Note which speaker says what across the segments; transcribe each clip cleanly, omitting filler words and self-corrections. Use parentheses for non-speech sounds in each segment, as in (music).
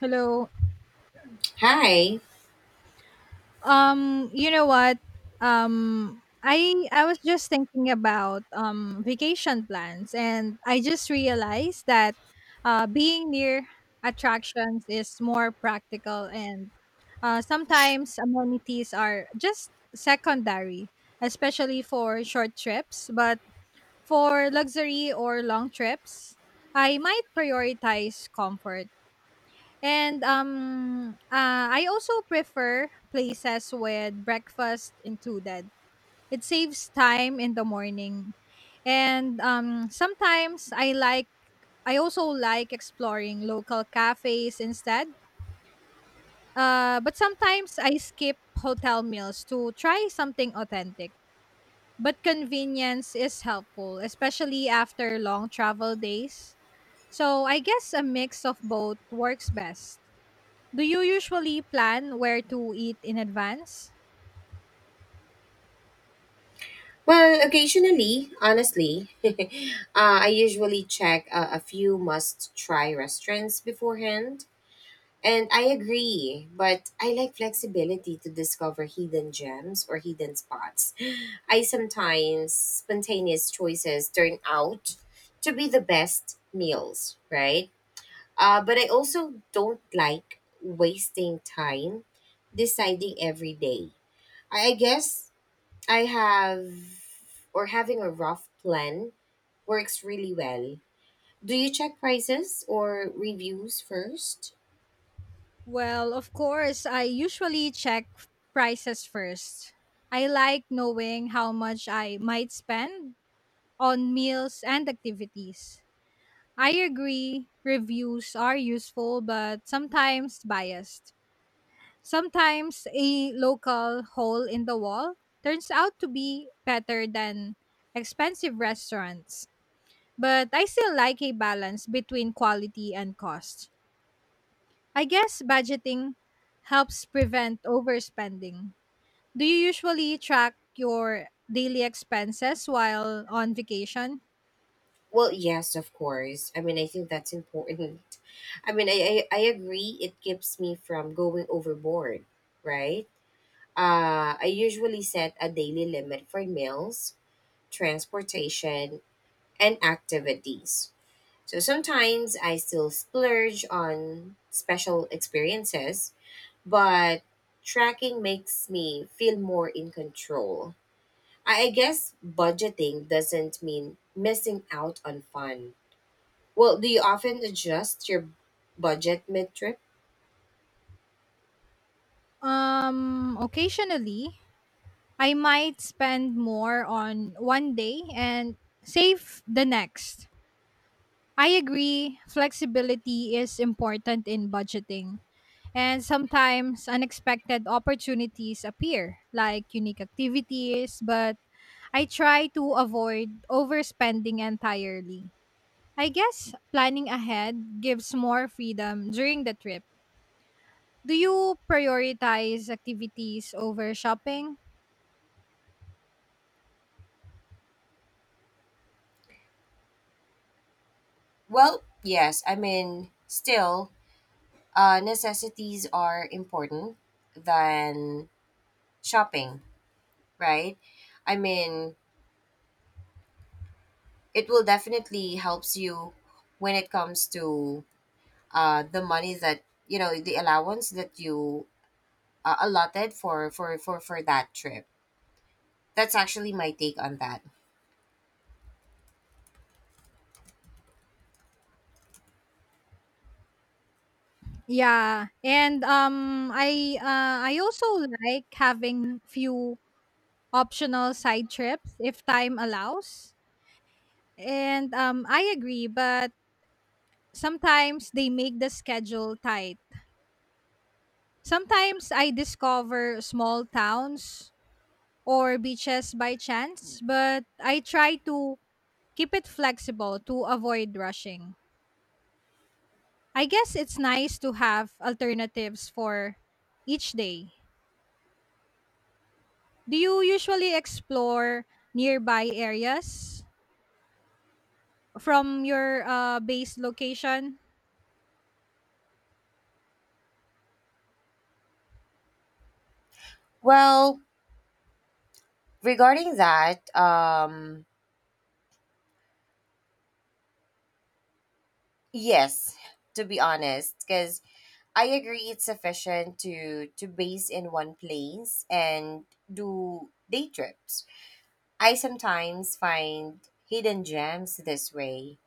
Speaker 1: Hello.
Speaker 2: Hi.
Speaker 1: You know what? I was just thinking about vacation plans, and I just realized that being near attractions is more practical, and sometimes amenities are just secondary, especially for short trips. But for luxury or long trips, I might prioritize comfort. And I also prefer places with breakfast included. It saves time in the morning. And sometimes I like I also like exploring local cafes instead. But sometimes I skip hotel meals to try something authentic. But convenience is helpful, especially after long travel days. So I guess a mix of both works best. Do you usually plan where to eat in advance?
Speaker 2: Well, occasionally, honestly, (laughs) I usually check a few must try restaurants beforehand. And I agree, but I like flexibility to discover hidden gems or hidden spots. I sometimes spontaneous choices turn out to be the best meals, right? But I also don't like wasting time deciding every day. I guess I have or having a rough plan works really well. Do you check prices or reviews first?
Speaker 1: Well, of course, I usually check prices first. I like knowing how much I might spend on meals and activities. I agree, reviews are useful but sometimes biased. Sometimes a local hole in the wall turns out to be better than expensive restaurants. But I still like a balance between quality and cost. I guess budgeting helps prevent overspending. Do you usually track your daily expenses while on vacation?
Speaker 2: Well, yes, of course. I mean, I think that's (laughs) important. I mean, I agree it keeps me from going overboard, right? I usually set a daily limit for meals, transportation, and activities. So sometimes I still splurge on special experiences but tracking makes me feel more in control. I guess budgeting doesn't mean missing out on fun. Well, do you often adjust your budget mid trip?
Speaker 1: Occasionally, I might spend more on one day and save the next. I agree, flexibility is important in budgeting. And sometimes unexpected opportunities appear, like unique activities, but I try to avoid overspending entirely. I guess planning ahead gives more freedom during the trip. Do you prioritize activities over shopping?
Speaker 2: Well, yes. I mean, still, necessities are important than shopping, right? I mean, it will definitely helps you when it comes to the money that you know the allowance that you allotted for, for that trip. That's actually my take on that.
Speaker 1: Yeah, and I also like having few optional side trips if time allows. And I agree, but sometimes they make the schedule tight. Sometimes I discover small towns or beaches by chance, but I try to keep it flexible to avoid rushing. I guess it's nice to have alternatives for each day. Do you usually explore nearby areas from your base location?
Speaker 2: Well, regarding that, yes, to be honest, because I agree it's sufficient to base in one place and do day trips. I sometimes find hidden gems this way,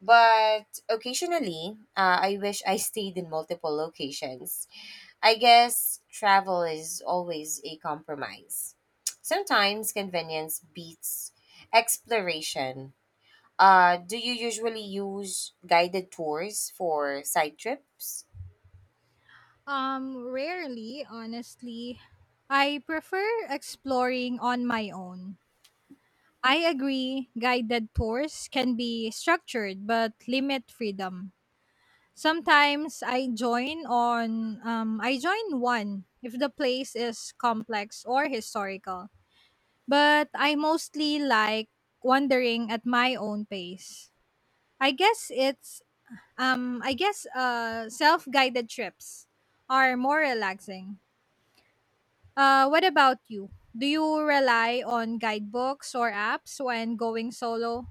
Speaker 2: but occasionally, I wish I stayed in multiple locations. I guess travel is always a compromise. Sometimes convenience beats exploration. Do you usually use guided tours for side trips?
Speaker 1: Rarely, honestly. I prefer exploring on my own. I agree, guided tours can be structured but limit freedom. Sometimes I join on I join one if the place is complex or historical. But I mostly like wandering at my own pace. I guess it's I guess self-guided trips are more relaxing. What about you? Do you rely on guidebooks or apps when going solo?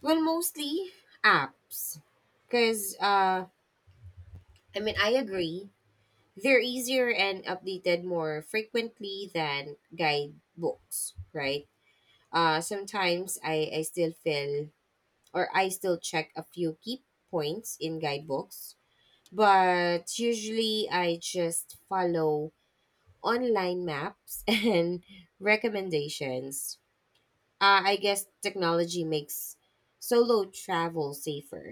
Speaker 2: Well, mostly apps. Because, I mean, I agree. They're easier and updated more frequently than guidebooks, right? Sometimes I still feel, or I still check a few key points in guidebooks but usually I just follow online maps (laughs) and recommendations. I guess technology makes solo travel safer.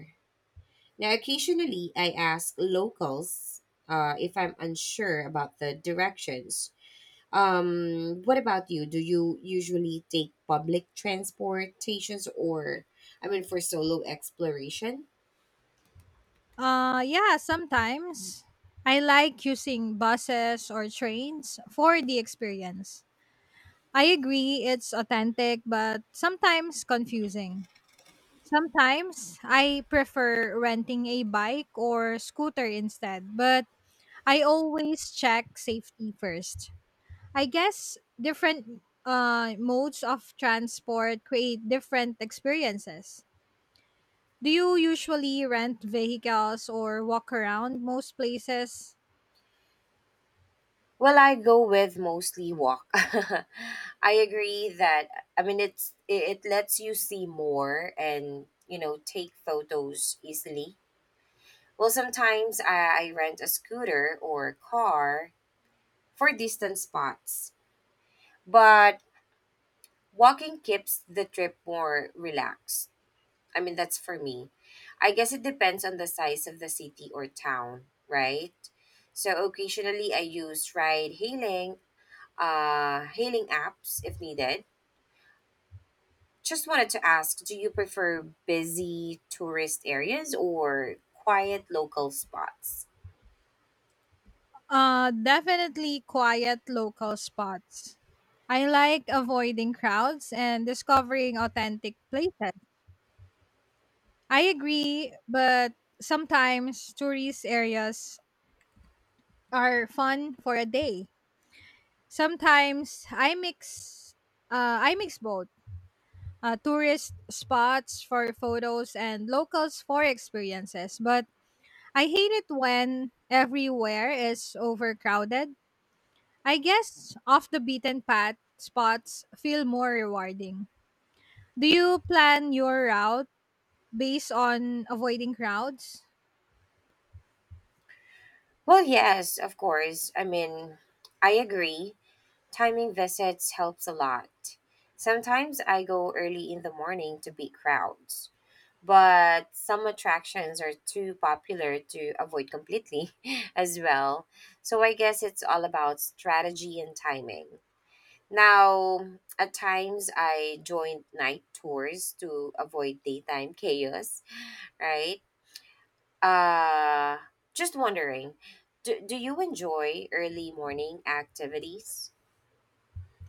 Speaker 2: Now, occasionally I ask locals if I'm unsure about the directions. What about you? Do you usually take public transportations or, I mean, for solo exploration?
Speaker 1: Yeah, sometimes I like using buses or trains for the experience. I agree it's authentic but sometimes confusing. Sometimes I prefer renting a bike or scooter instead, but I always check safety first. I guess different modes of transport create different experiences. Do you usually rent vehicles or walk around most places?
Speaker 2: Well, I go with mostly walk. (laughs) I agree that I mean it lets you see more and you know take photos easily. Well, sometimes I rent a scooter or car for distant spots, but walking keeps the trip more relaxed. I mean that's for me. I guess it depends on the size of the city or town, right? So occasionally I use ride hailing hailing apps if needed. Just wanted to ask, do you prefer busy tourist areas or quiet local spots?
Speaker 1: Definitely quiet local spots. I like avoiding crowds and discovering authentic places. I agree, but sometimes tourist areas are fun for a day. Sometimes I mix both. Tourist spots for photos and locals for experiences. But I hate it when everywhere is overcrowded. I guess off the beaten path spots feel more rewarding. Do you plan your route based on avoiding crowds?
Speaker 2: Well, yes, of course. I mean, I agree. Timing visits helps a lot. Sometimes I go early in the morning to beat crowds, but some attractions are too popular to avoid completely (laughs) as well. So I guess it's all about strategy and timing. Now, at times I joined night tours to avoid daytime chaos, right? Uh, just wondering, do you enjoy early morning activities?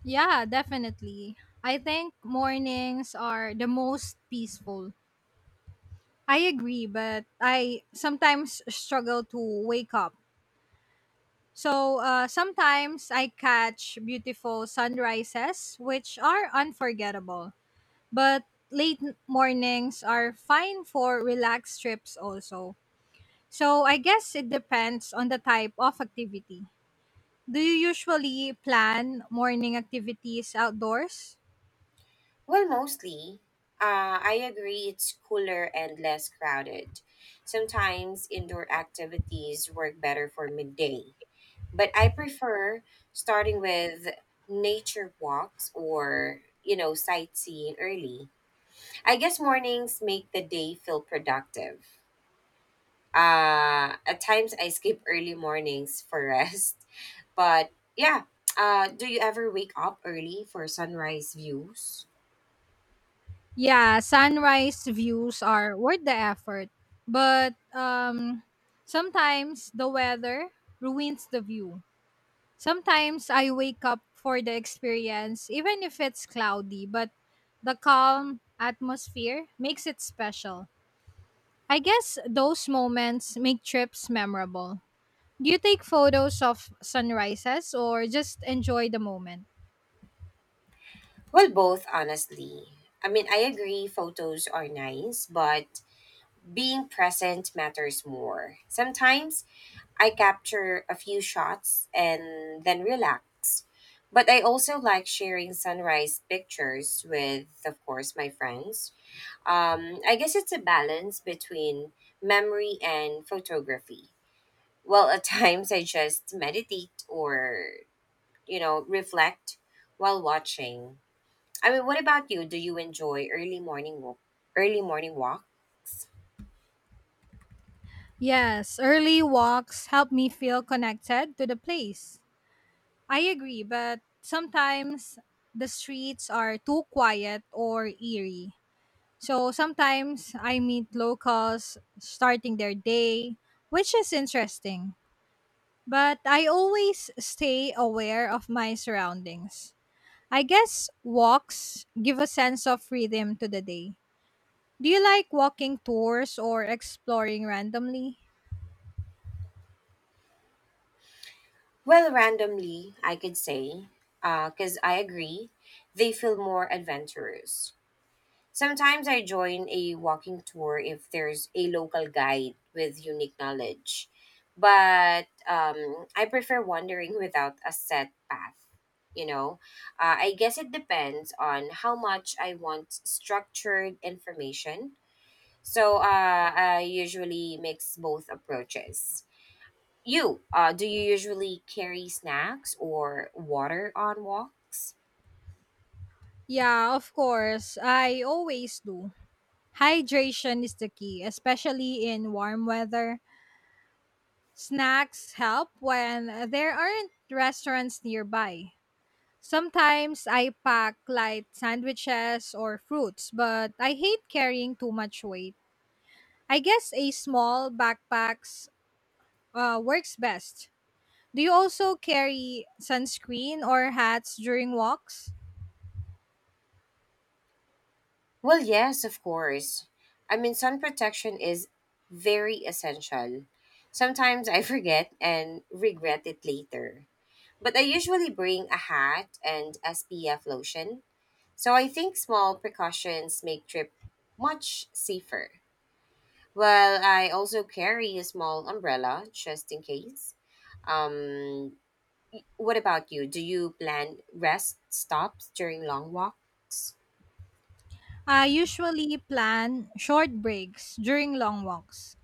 Speaker 1: Yeah, definitely. I think mornings are the most peaceful. I agree, but I sometimes struggle to wake up. So sometimes I catch beautiful sunrises, which are unforgettable. But late mornings are fine for relaxed trips also. So I guess it depends on the type of activity. Do you usually plan morning activities outdoors?
Speaker 2: Well, mostly. I agree it's cooler and less crowded. Sometimes indoor activities work better for midday, but I prefer starting with nature walks or, you know, sightseeing early. I guess mornings make the day feel productive. At times I skip early mornings for rest. (laughs) But yeah, do you ever wake up early for sunrise views?
Speaker 1: Yeah, sunrise views are worth the effort, but sometimes the weather ruins the view. Sometimes I wake up for the experience, even if it's cloudy, but the calm atmosphere makes it special. I guess those moments make trips memorable. Do you take photos of sunrises or just enjoy the moment?
Speaker 2: Well, both, honestly. I mean, I agree photos are nice, but being present matters more. Sometimes I capture a few shots and then relax. But I also like sharing sunrise pictures with, of course, my friends. I guess it's a balance between memory and photography. Well, at (laughs) times I just meditate or, you know, reflect while watching. I mean, what about you? Do you enjoy early morning walk, early morning walks?
Speaker 1: Yes, early walks help me feel connected to the place. I agree, but sometimes the streets are too quiet or eerie. So sometimes I meet locals starting their day, which is interesting. But I always stay aware of my surroundings. I guess walks give a sense of freedom to the day. Do you like walking tours or exploring randomly?
Speaker 2: Well, randomly, I could say, because I agree, they feel more adventurous. Sometimes I join a walking tour if there's a local guide with unique knowledge, but I prefer wandering without a set path. You know, I guess it depends on how much I want structured information. So I usually mix both approaches. You, do you usually carry snacks or water on walks?
Speaker 1: Yeah, of course. I always do. Hydration is the key, especially in warm weather. Snacks help when there aren't restaurants nearby. Sometimes I pack light sandwiches or fruits, but I hate carrying too much weight. I guess a small backpacks works best. Do you also carry sunscreen or hats during walks?
Speaker 2: Well, yes, of course. I mean, sun protection is very essential. Sometimes I (laughs) forget and regret it later. But I usually bring a hat and SPF lotion. So I think small precautions make trip much safer. Well, I also carry a small umbrella just in case. Um, what about you? Do you plan rest stops during long walks?
Speaker 1: I usually plan short breaks during long walks.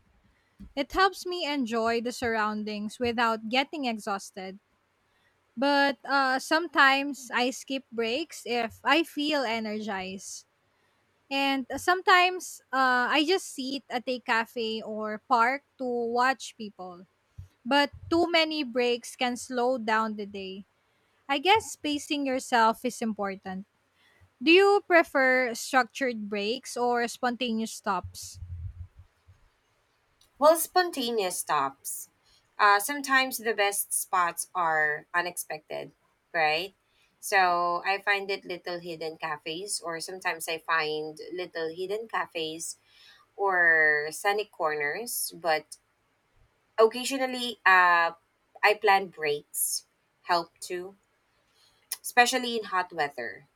Speaker 1: It helps me enjoy the surroundings without getting exhausted. But sometimes I skip breaks if I feel energized. And sometimes I just sit at a cafe or park to watch people. But too many breaks can slow down the day. I guess spacing yourself is important. Do you prefer structured breaks or spontaneous stops?
Speaker 2: Well, spontaneous stops. Sometimes the best spots are unexpected, right? So I find it little hidden cafes, or sometimes I find little hidden cafes or scenic corners. But occasionally, I plan breaks help too, especially in hot weather.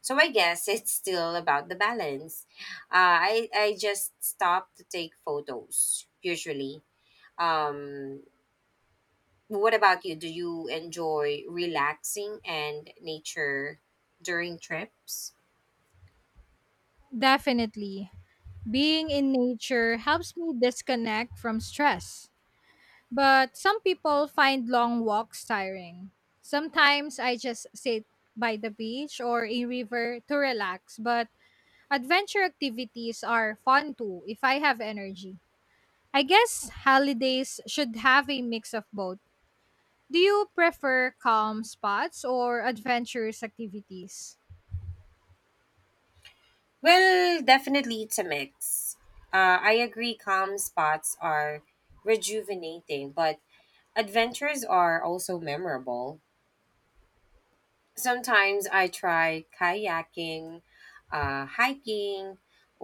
Speaker 2: So I guess (laughs) it's still about the balance. I just stop to take photos usually. um What about you? Do you enjoy relaxing and nature during trips?
Speaker 1: Definitely. Being in nature helps me disconnect from stress. But some people find long walks tiring. Sometimes I just sit by the beach or a river to relax, but adventure activities are fun too if I have energy. I guess holidays should have a mix of both. Do you prefer calm spots or adventurous activities?
Speaker 2: Well, definitely it's a mix. I agree, calm spots are rejuvenating, but adventures are also memorable. Sometimes I try kayaking, hiking,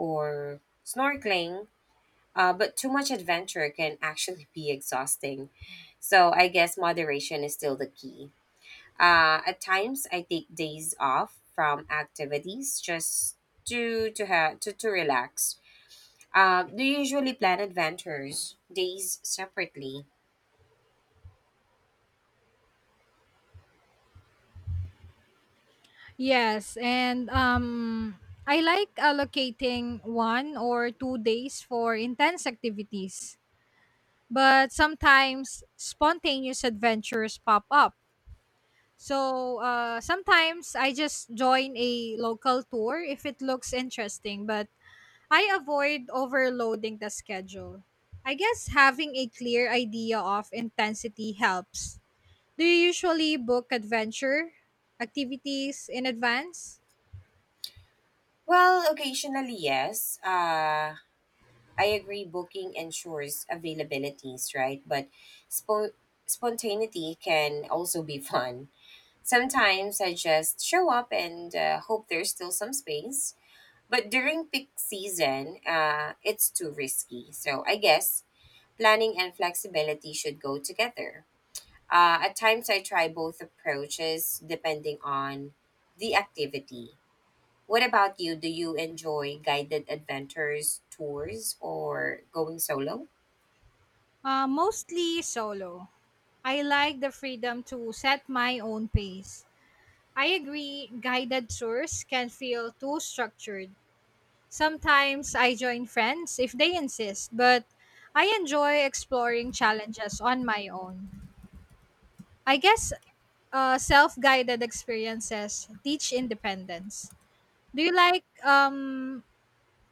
Speaker 2: or snorkeling, but too much adventure can actually be exhausting. So I guess moderation is still the key. At times, I take days off from activities just to relax. Do you usually plan adventures days separately?
Speaker 1: Yes, and I like allocating one or two days for intense activities, but sometimes spontaneous adventures pop up. So sometimes I just join a local tour if it looks interesting, but I avoid overloading the schedule. I guess having a clear idea of intensity helps. Do you usually book adventure activities in advance?
Speaker 2: Well, occasionally, yes. I agree. Booking ensures availabilities, right? But spo- spontaneity can also be fun. Sometimes I just show up and hope there's still some space. But during peak season, it's too risky. So I guess planning and flexibility should go together. At times, I try both approaches depending on the activity. What about you? Do you enjoy guided adventures, tours, or going solo?
Speaker 1: Mostly solo. I like the freedom to set my own pace. I agree, guided tours can feel too structured. Sometimes I join friends if they insist, but I enjoy exploring challenges on my own. I guess self guided experiences teach independence. Do you like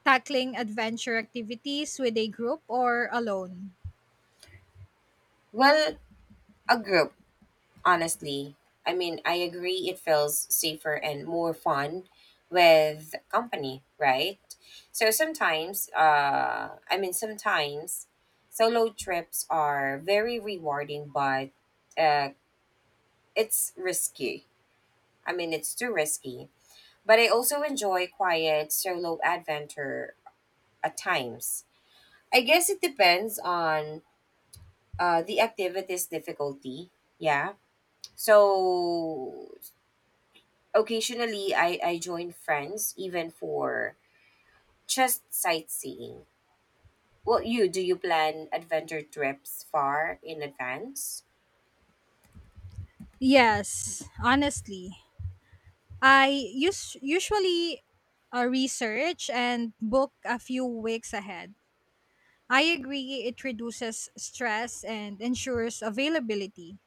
Speaker 1: tackling adventure activities with a group or alone?
Speaker 2: Well, a group, honestly. I mean, I agree it feels safer and more fun with company, right? So sometimes, sometimes solo trips are very rewarding but uh, it's risky. I mean, it's too risky. But I also enjoy quiet solo adventure at times. I guess it depends on the activity's difficulty. Yeah. So occasionally I join friends even for just sightseeing. Well, you do you plan adventure trips far in advance?
Speaker 1: Yes, honestly. Usually research and book a few weeks ahead. I agree it reduces stress and ensures availability.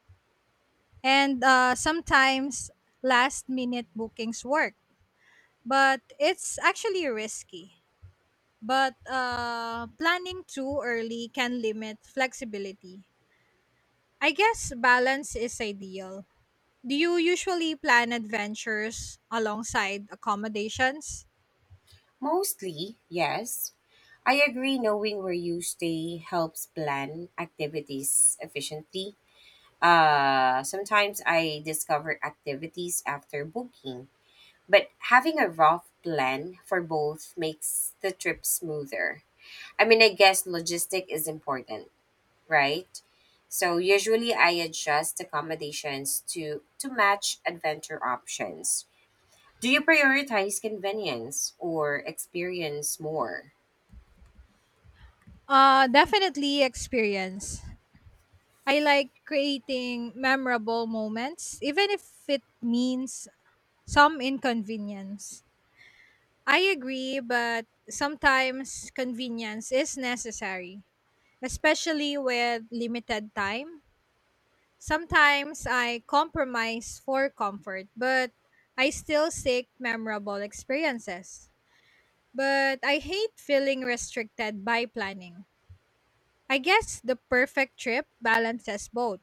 Speaker 1: And sometimes last minute bookings work, but it's actually risky. But planning too early can limit flexibility. I guess balance is ideal. Do you usually plan adventures alongside accommodations?
Speaker 2: Mostly, yes. I agree knowing where you stay helps plan activities efficiently. Sometimes I discover activities after booking, but having a rough plan for both makes the trip smoother. I mean, I guess logistic is important, right? So usually I adjust accommodations to match adventure options. Do you prioritize convenience or experience more?
Speaker 1: Definitely experience. I like creating memorable moments, even if it means some inconvenience. I agree, but sometimes convenience is necessary, especially with limited time. Sometimes I compromise for comfort, but I still seek memorable experiences. But I hate feeling restricted by planning. I guess the perfect trip balances both.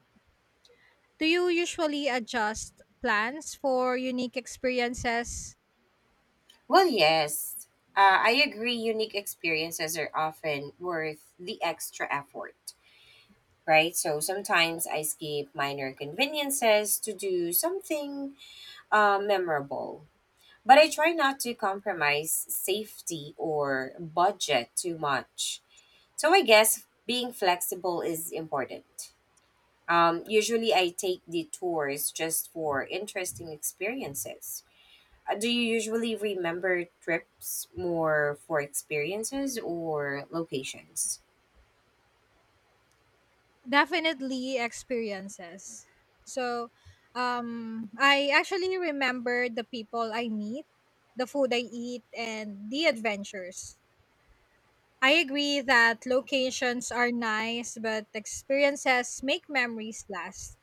Speaker 1: Do you usually adjust plans for unique experiences?
Speaker 2: Well, yes. I agree. Unique experiences are often worth the extra effort, right? So sometimes I skip minor conveniences to do something memorable. But I try not to compromise safety or budget too much. So I guess being flexible is important. Usually, I take detours just for interesting experiences. Do you usually remember trips more for experiences or locations?
Speaker 1: Definitely experiences. So, I actually remember the people I meet, the food I eat, and the adventures. I agree that locations are nice, but experiences make memories last.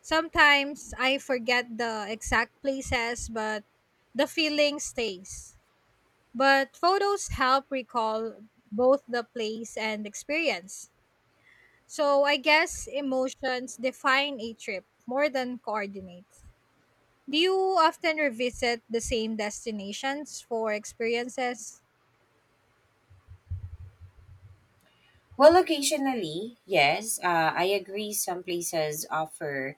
Speaker 1: Sometimes I forget the exact places, but the feeling stays. But photos help recall both the place and experience. So I guess emotions define a trip more than coordinates. Do you often revisit the same destinations for experiences?
Speaker 2: Well, locationally, yes. I agree some places offer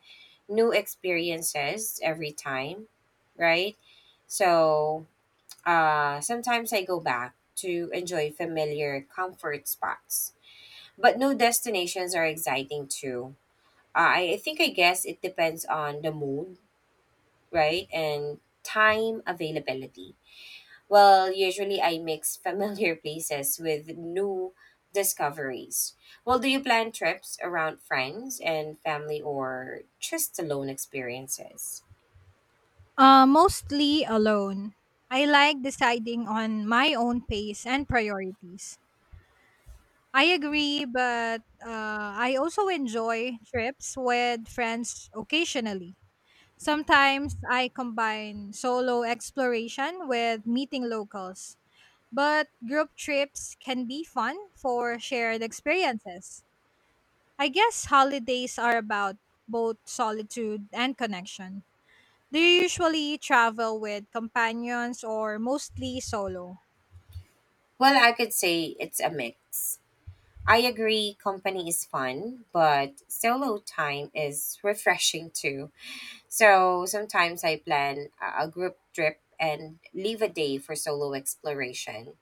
Speaker 2: new experiences every time, right? So sometimes I go back to enjoy familiar comfort spots. But new destinations are exciting too. I guess it depends on the mood, right? And time availability. Well, usually I mix familiar (laughs) places with new discoveries. Well, do you plan trips around friends and family or just alone experiences?
Speaker 1: Mostly alone. I like deciding on my own pace and priorities. I agree, but I also enjoy trips with friends occasionally. Sometimes I combine solo exploration with meeting locals, but group trips can be fun for shared experiences. I guess holidays are about both solitude and connection. Do you usually travel with companions or mostly solo?
Speaker 2: Well, I could say it's a mix. I agree, company is fun, but solo time is refreshing too. So sometimes I plan a group trip and leave a day for solo exploration.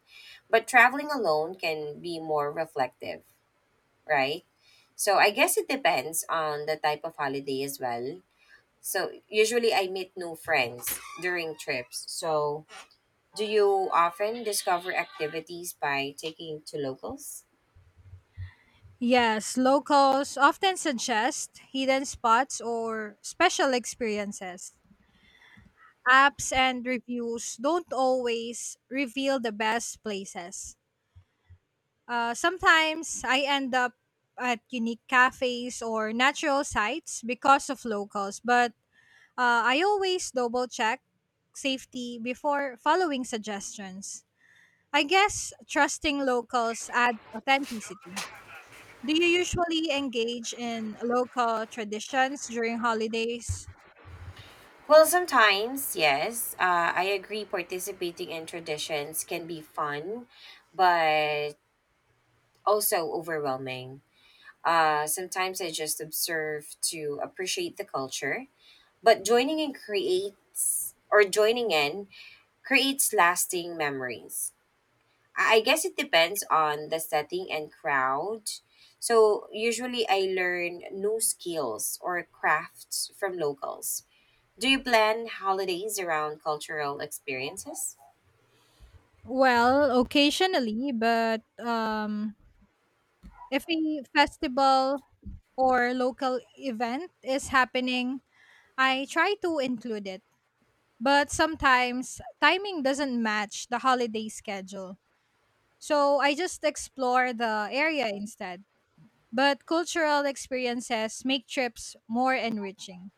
Speaker 2: But traveling alone can be more reflective, right? So I guess it depends on the type of holiday as well. So usually I meet new friends during trips. So do you often discover activities by taking to locals?
Speaker 1: Yes, locals often suggest hidden spots or special experiences. Apps and reviews don't always reveal the best places. Sometimes I end up at unique cafes or natural sites because of locals, but I always double check safety before following suggestions. I guess trusting locals adds authenticity. Do you usually engage in local traditions during holidays?
Speaker 2: Well, sometimes, yes. I agree participating in traditions can be fun, but also overwhelming. Sometimes I just observe to appreciate the culture, but joining in creates lasting memories. I guess it depends on the setting and crowd. So usually I learn new skills or crafts from locals. Do you plan holidays around cultural experiences?
Speaker 1: Well, occasionally, but if a festival or local event is happening, I try to include it, but sometimes timing doesn't match the holiday schedule. So I just explore the area instead. But cultural experiences make trips more enriching.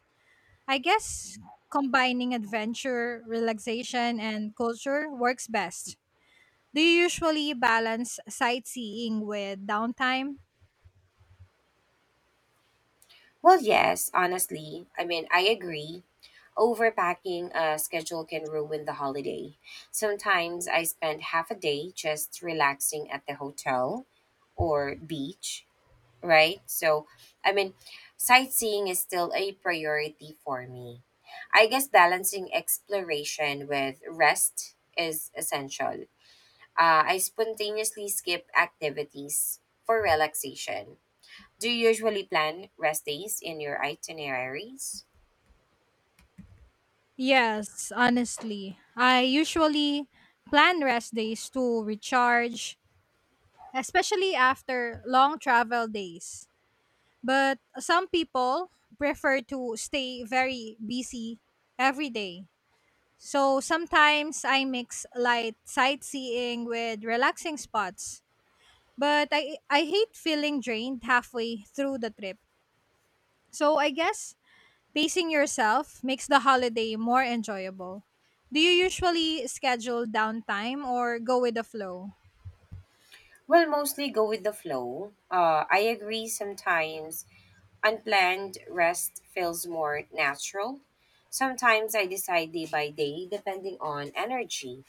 Speaker 1: I guess combining adventure, relaxation, and culture works best. Do you usually balance sightseeing with downtime?
Speaker 2: Well, yes, honestly. I mean, I agree. Overpacking a schedule can ruin the holiday. Sometimes I spend half a day just relaxing at the hotel or beach, right? So, I mean, sightseeing is still a priority for me. I guess balancing exploration with rest is essential. I spontaneously skip activities for relaxation. Do you usually plan rest days in your itineraries?
Speaker 1: Yes, honestly. I usually plan rest days to recharge, especially after long travel days. But some people prefer to stay very busy every day. So sometimes I mix light sightseeing with relaxing spots. But I hate feeling drained halfway through the trip. So I guess pacing yourself makes the holiday more enjoyable. Do you usually schedule downtime or go with the flow?
Speaker 2: Well, mostly go with the flow. I agree sometimes unplanned rest feels more natural. Sometimes I decide day by day depending on energy.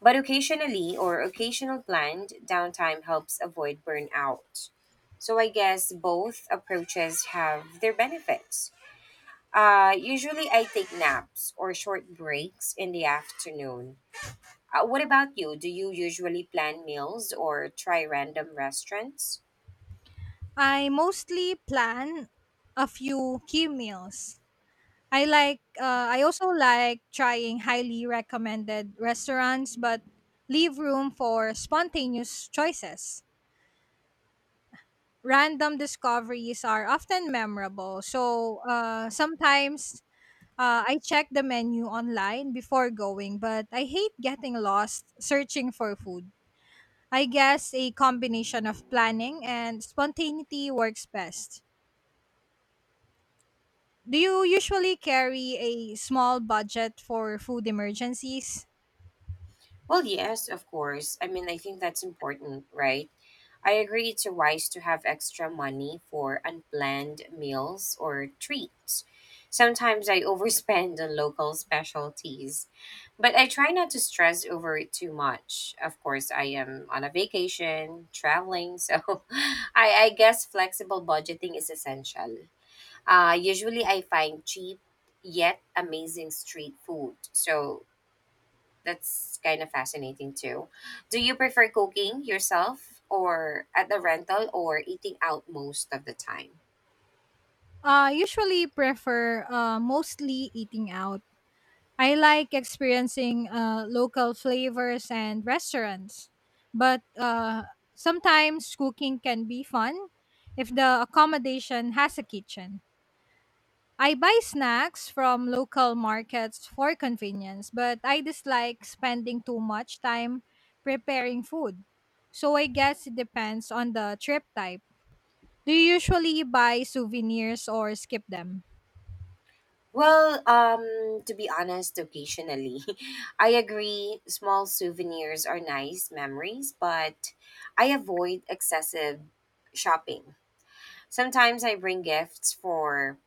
Speaker 2: But occasional planned downtime helps avoid burnout. So I guess both approaches have their benefits. Usually I take naps or short breaks in the afternoon. What about you? Do you usually plan meals or try random restaurants?
Speaker 1: I mostly plan a few key meals. I also like trying highly recommended restaurants but leave room for spontaneous choices. Random discoveries are often memorable. So sometimes I check the menu online before going, but I hate getting lost searching for food. I guess a combination of planning and spontaneity works best. Do you usually carry a small budget for food emergencies?
Speaker 2: Well, yes, of course. I mean, I think that's important, right? I agree it's wise to have extra money for unplanned meals or treats. Sometimes I (laughs) overspend on local specialties, but I try not to stress over it too much. Of course, I am on a vacation, traveling, so (laughs) I guess flexible budgeting is essential. Usually, I find cheap yet amazing street food. So that's kind of fascinating too. Do you prefer cooking yourself or at the rental or eating out most of the time?
Speaker 1: I usually prefer mostly eating out. I like experiencing local flavors and restaurants, but sometimes cooking can be fun if the accommodation has a kitchen. I buy snacks from local markets for convenience, but I dislike spending too much time preparing food. So I guess it depends on the trip type. Do you usually buy souvenirs or skip them?
Speaker 2: Well, to be honest, occasionally, (laughs) I agree small souvenirs are nice memories, but I avoid excessive shopping. Sometimes I bring gifts for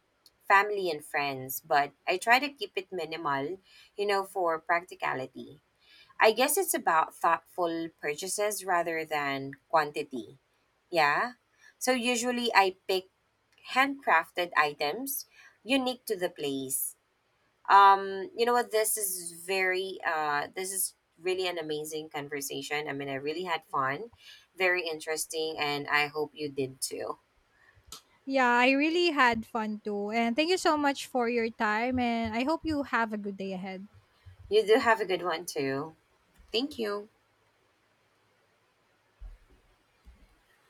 Speaker 2: family and friends, but I try to keep it minimal, you know, for practicality. I guess it's about thoughtful purchases rather than quantity. Yeah. So usually I pick handcrafted items unique to the place. You know what? This is very, this is really an amazing conversation. I mean, I really had fun, very interesting, and I hope you did too.
Speaker 1: Yeah, I really had fun too. And thank you so much for your time and I hope you have a good day ahead.
Speaker 2: You do have a good one too. Thank you.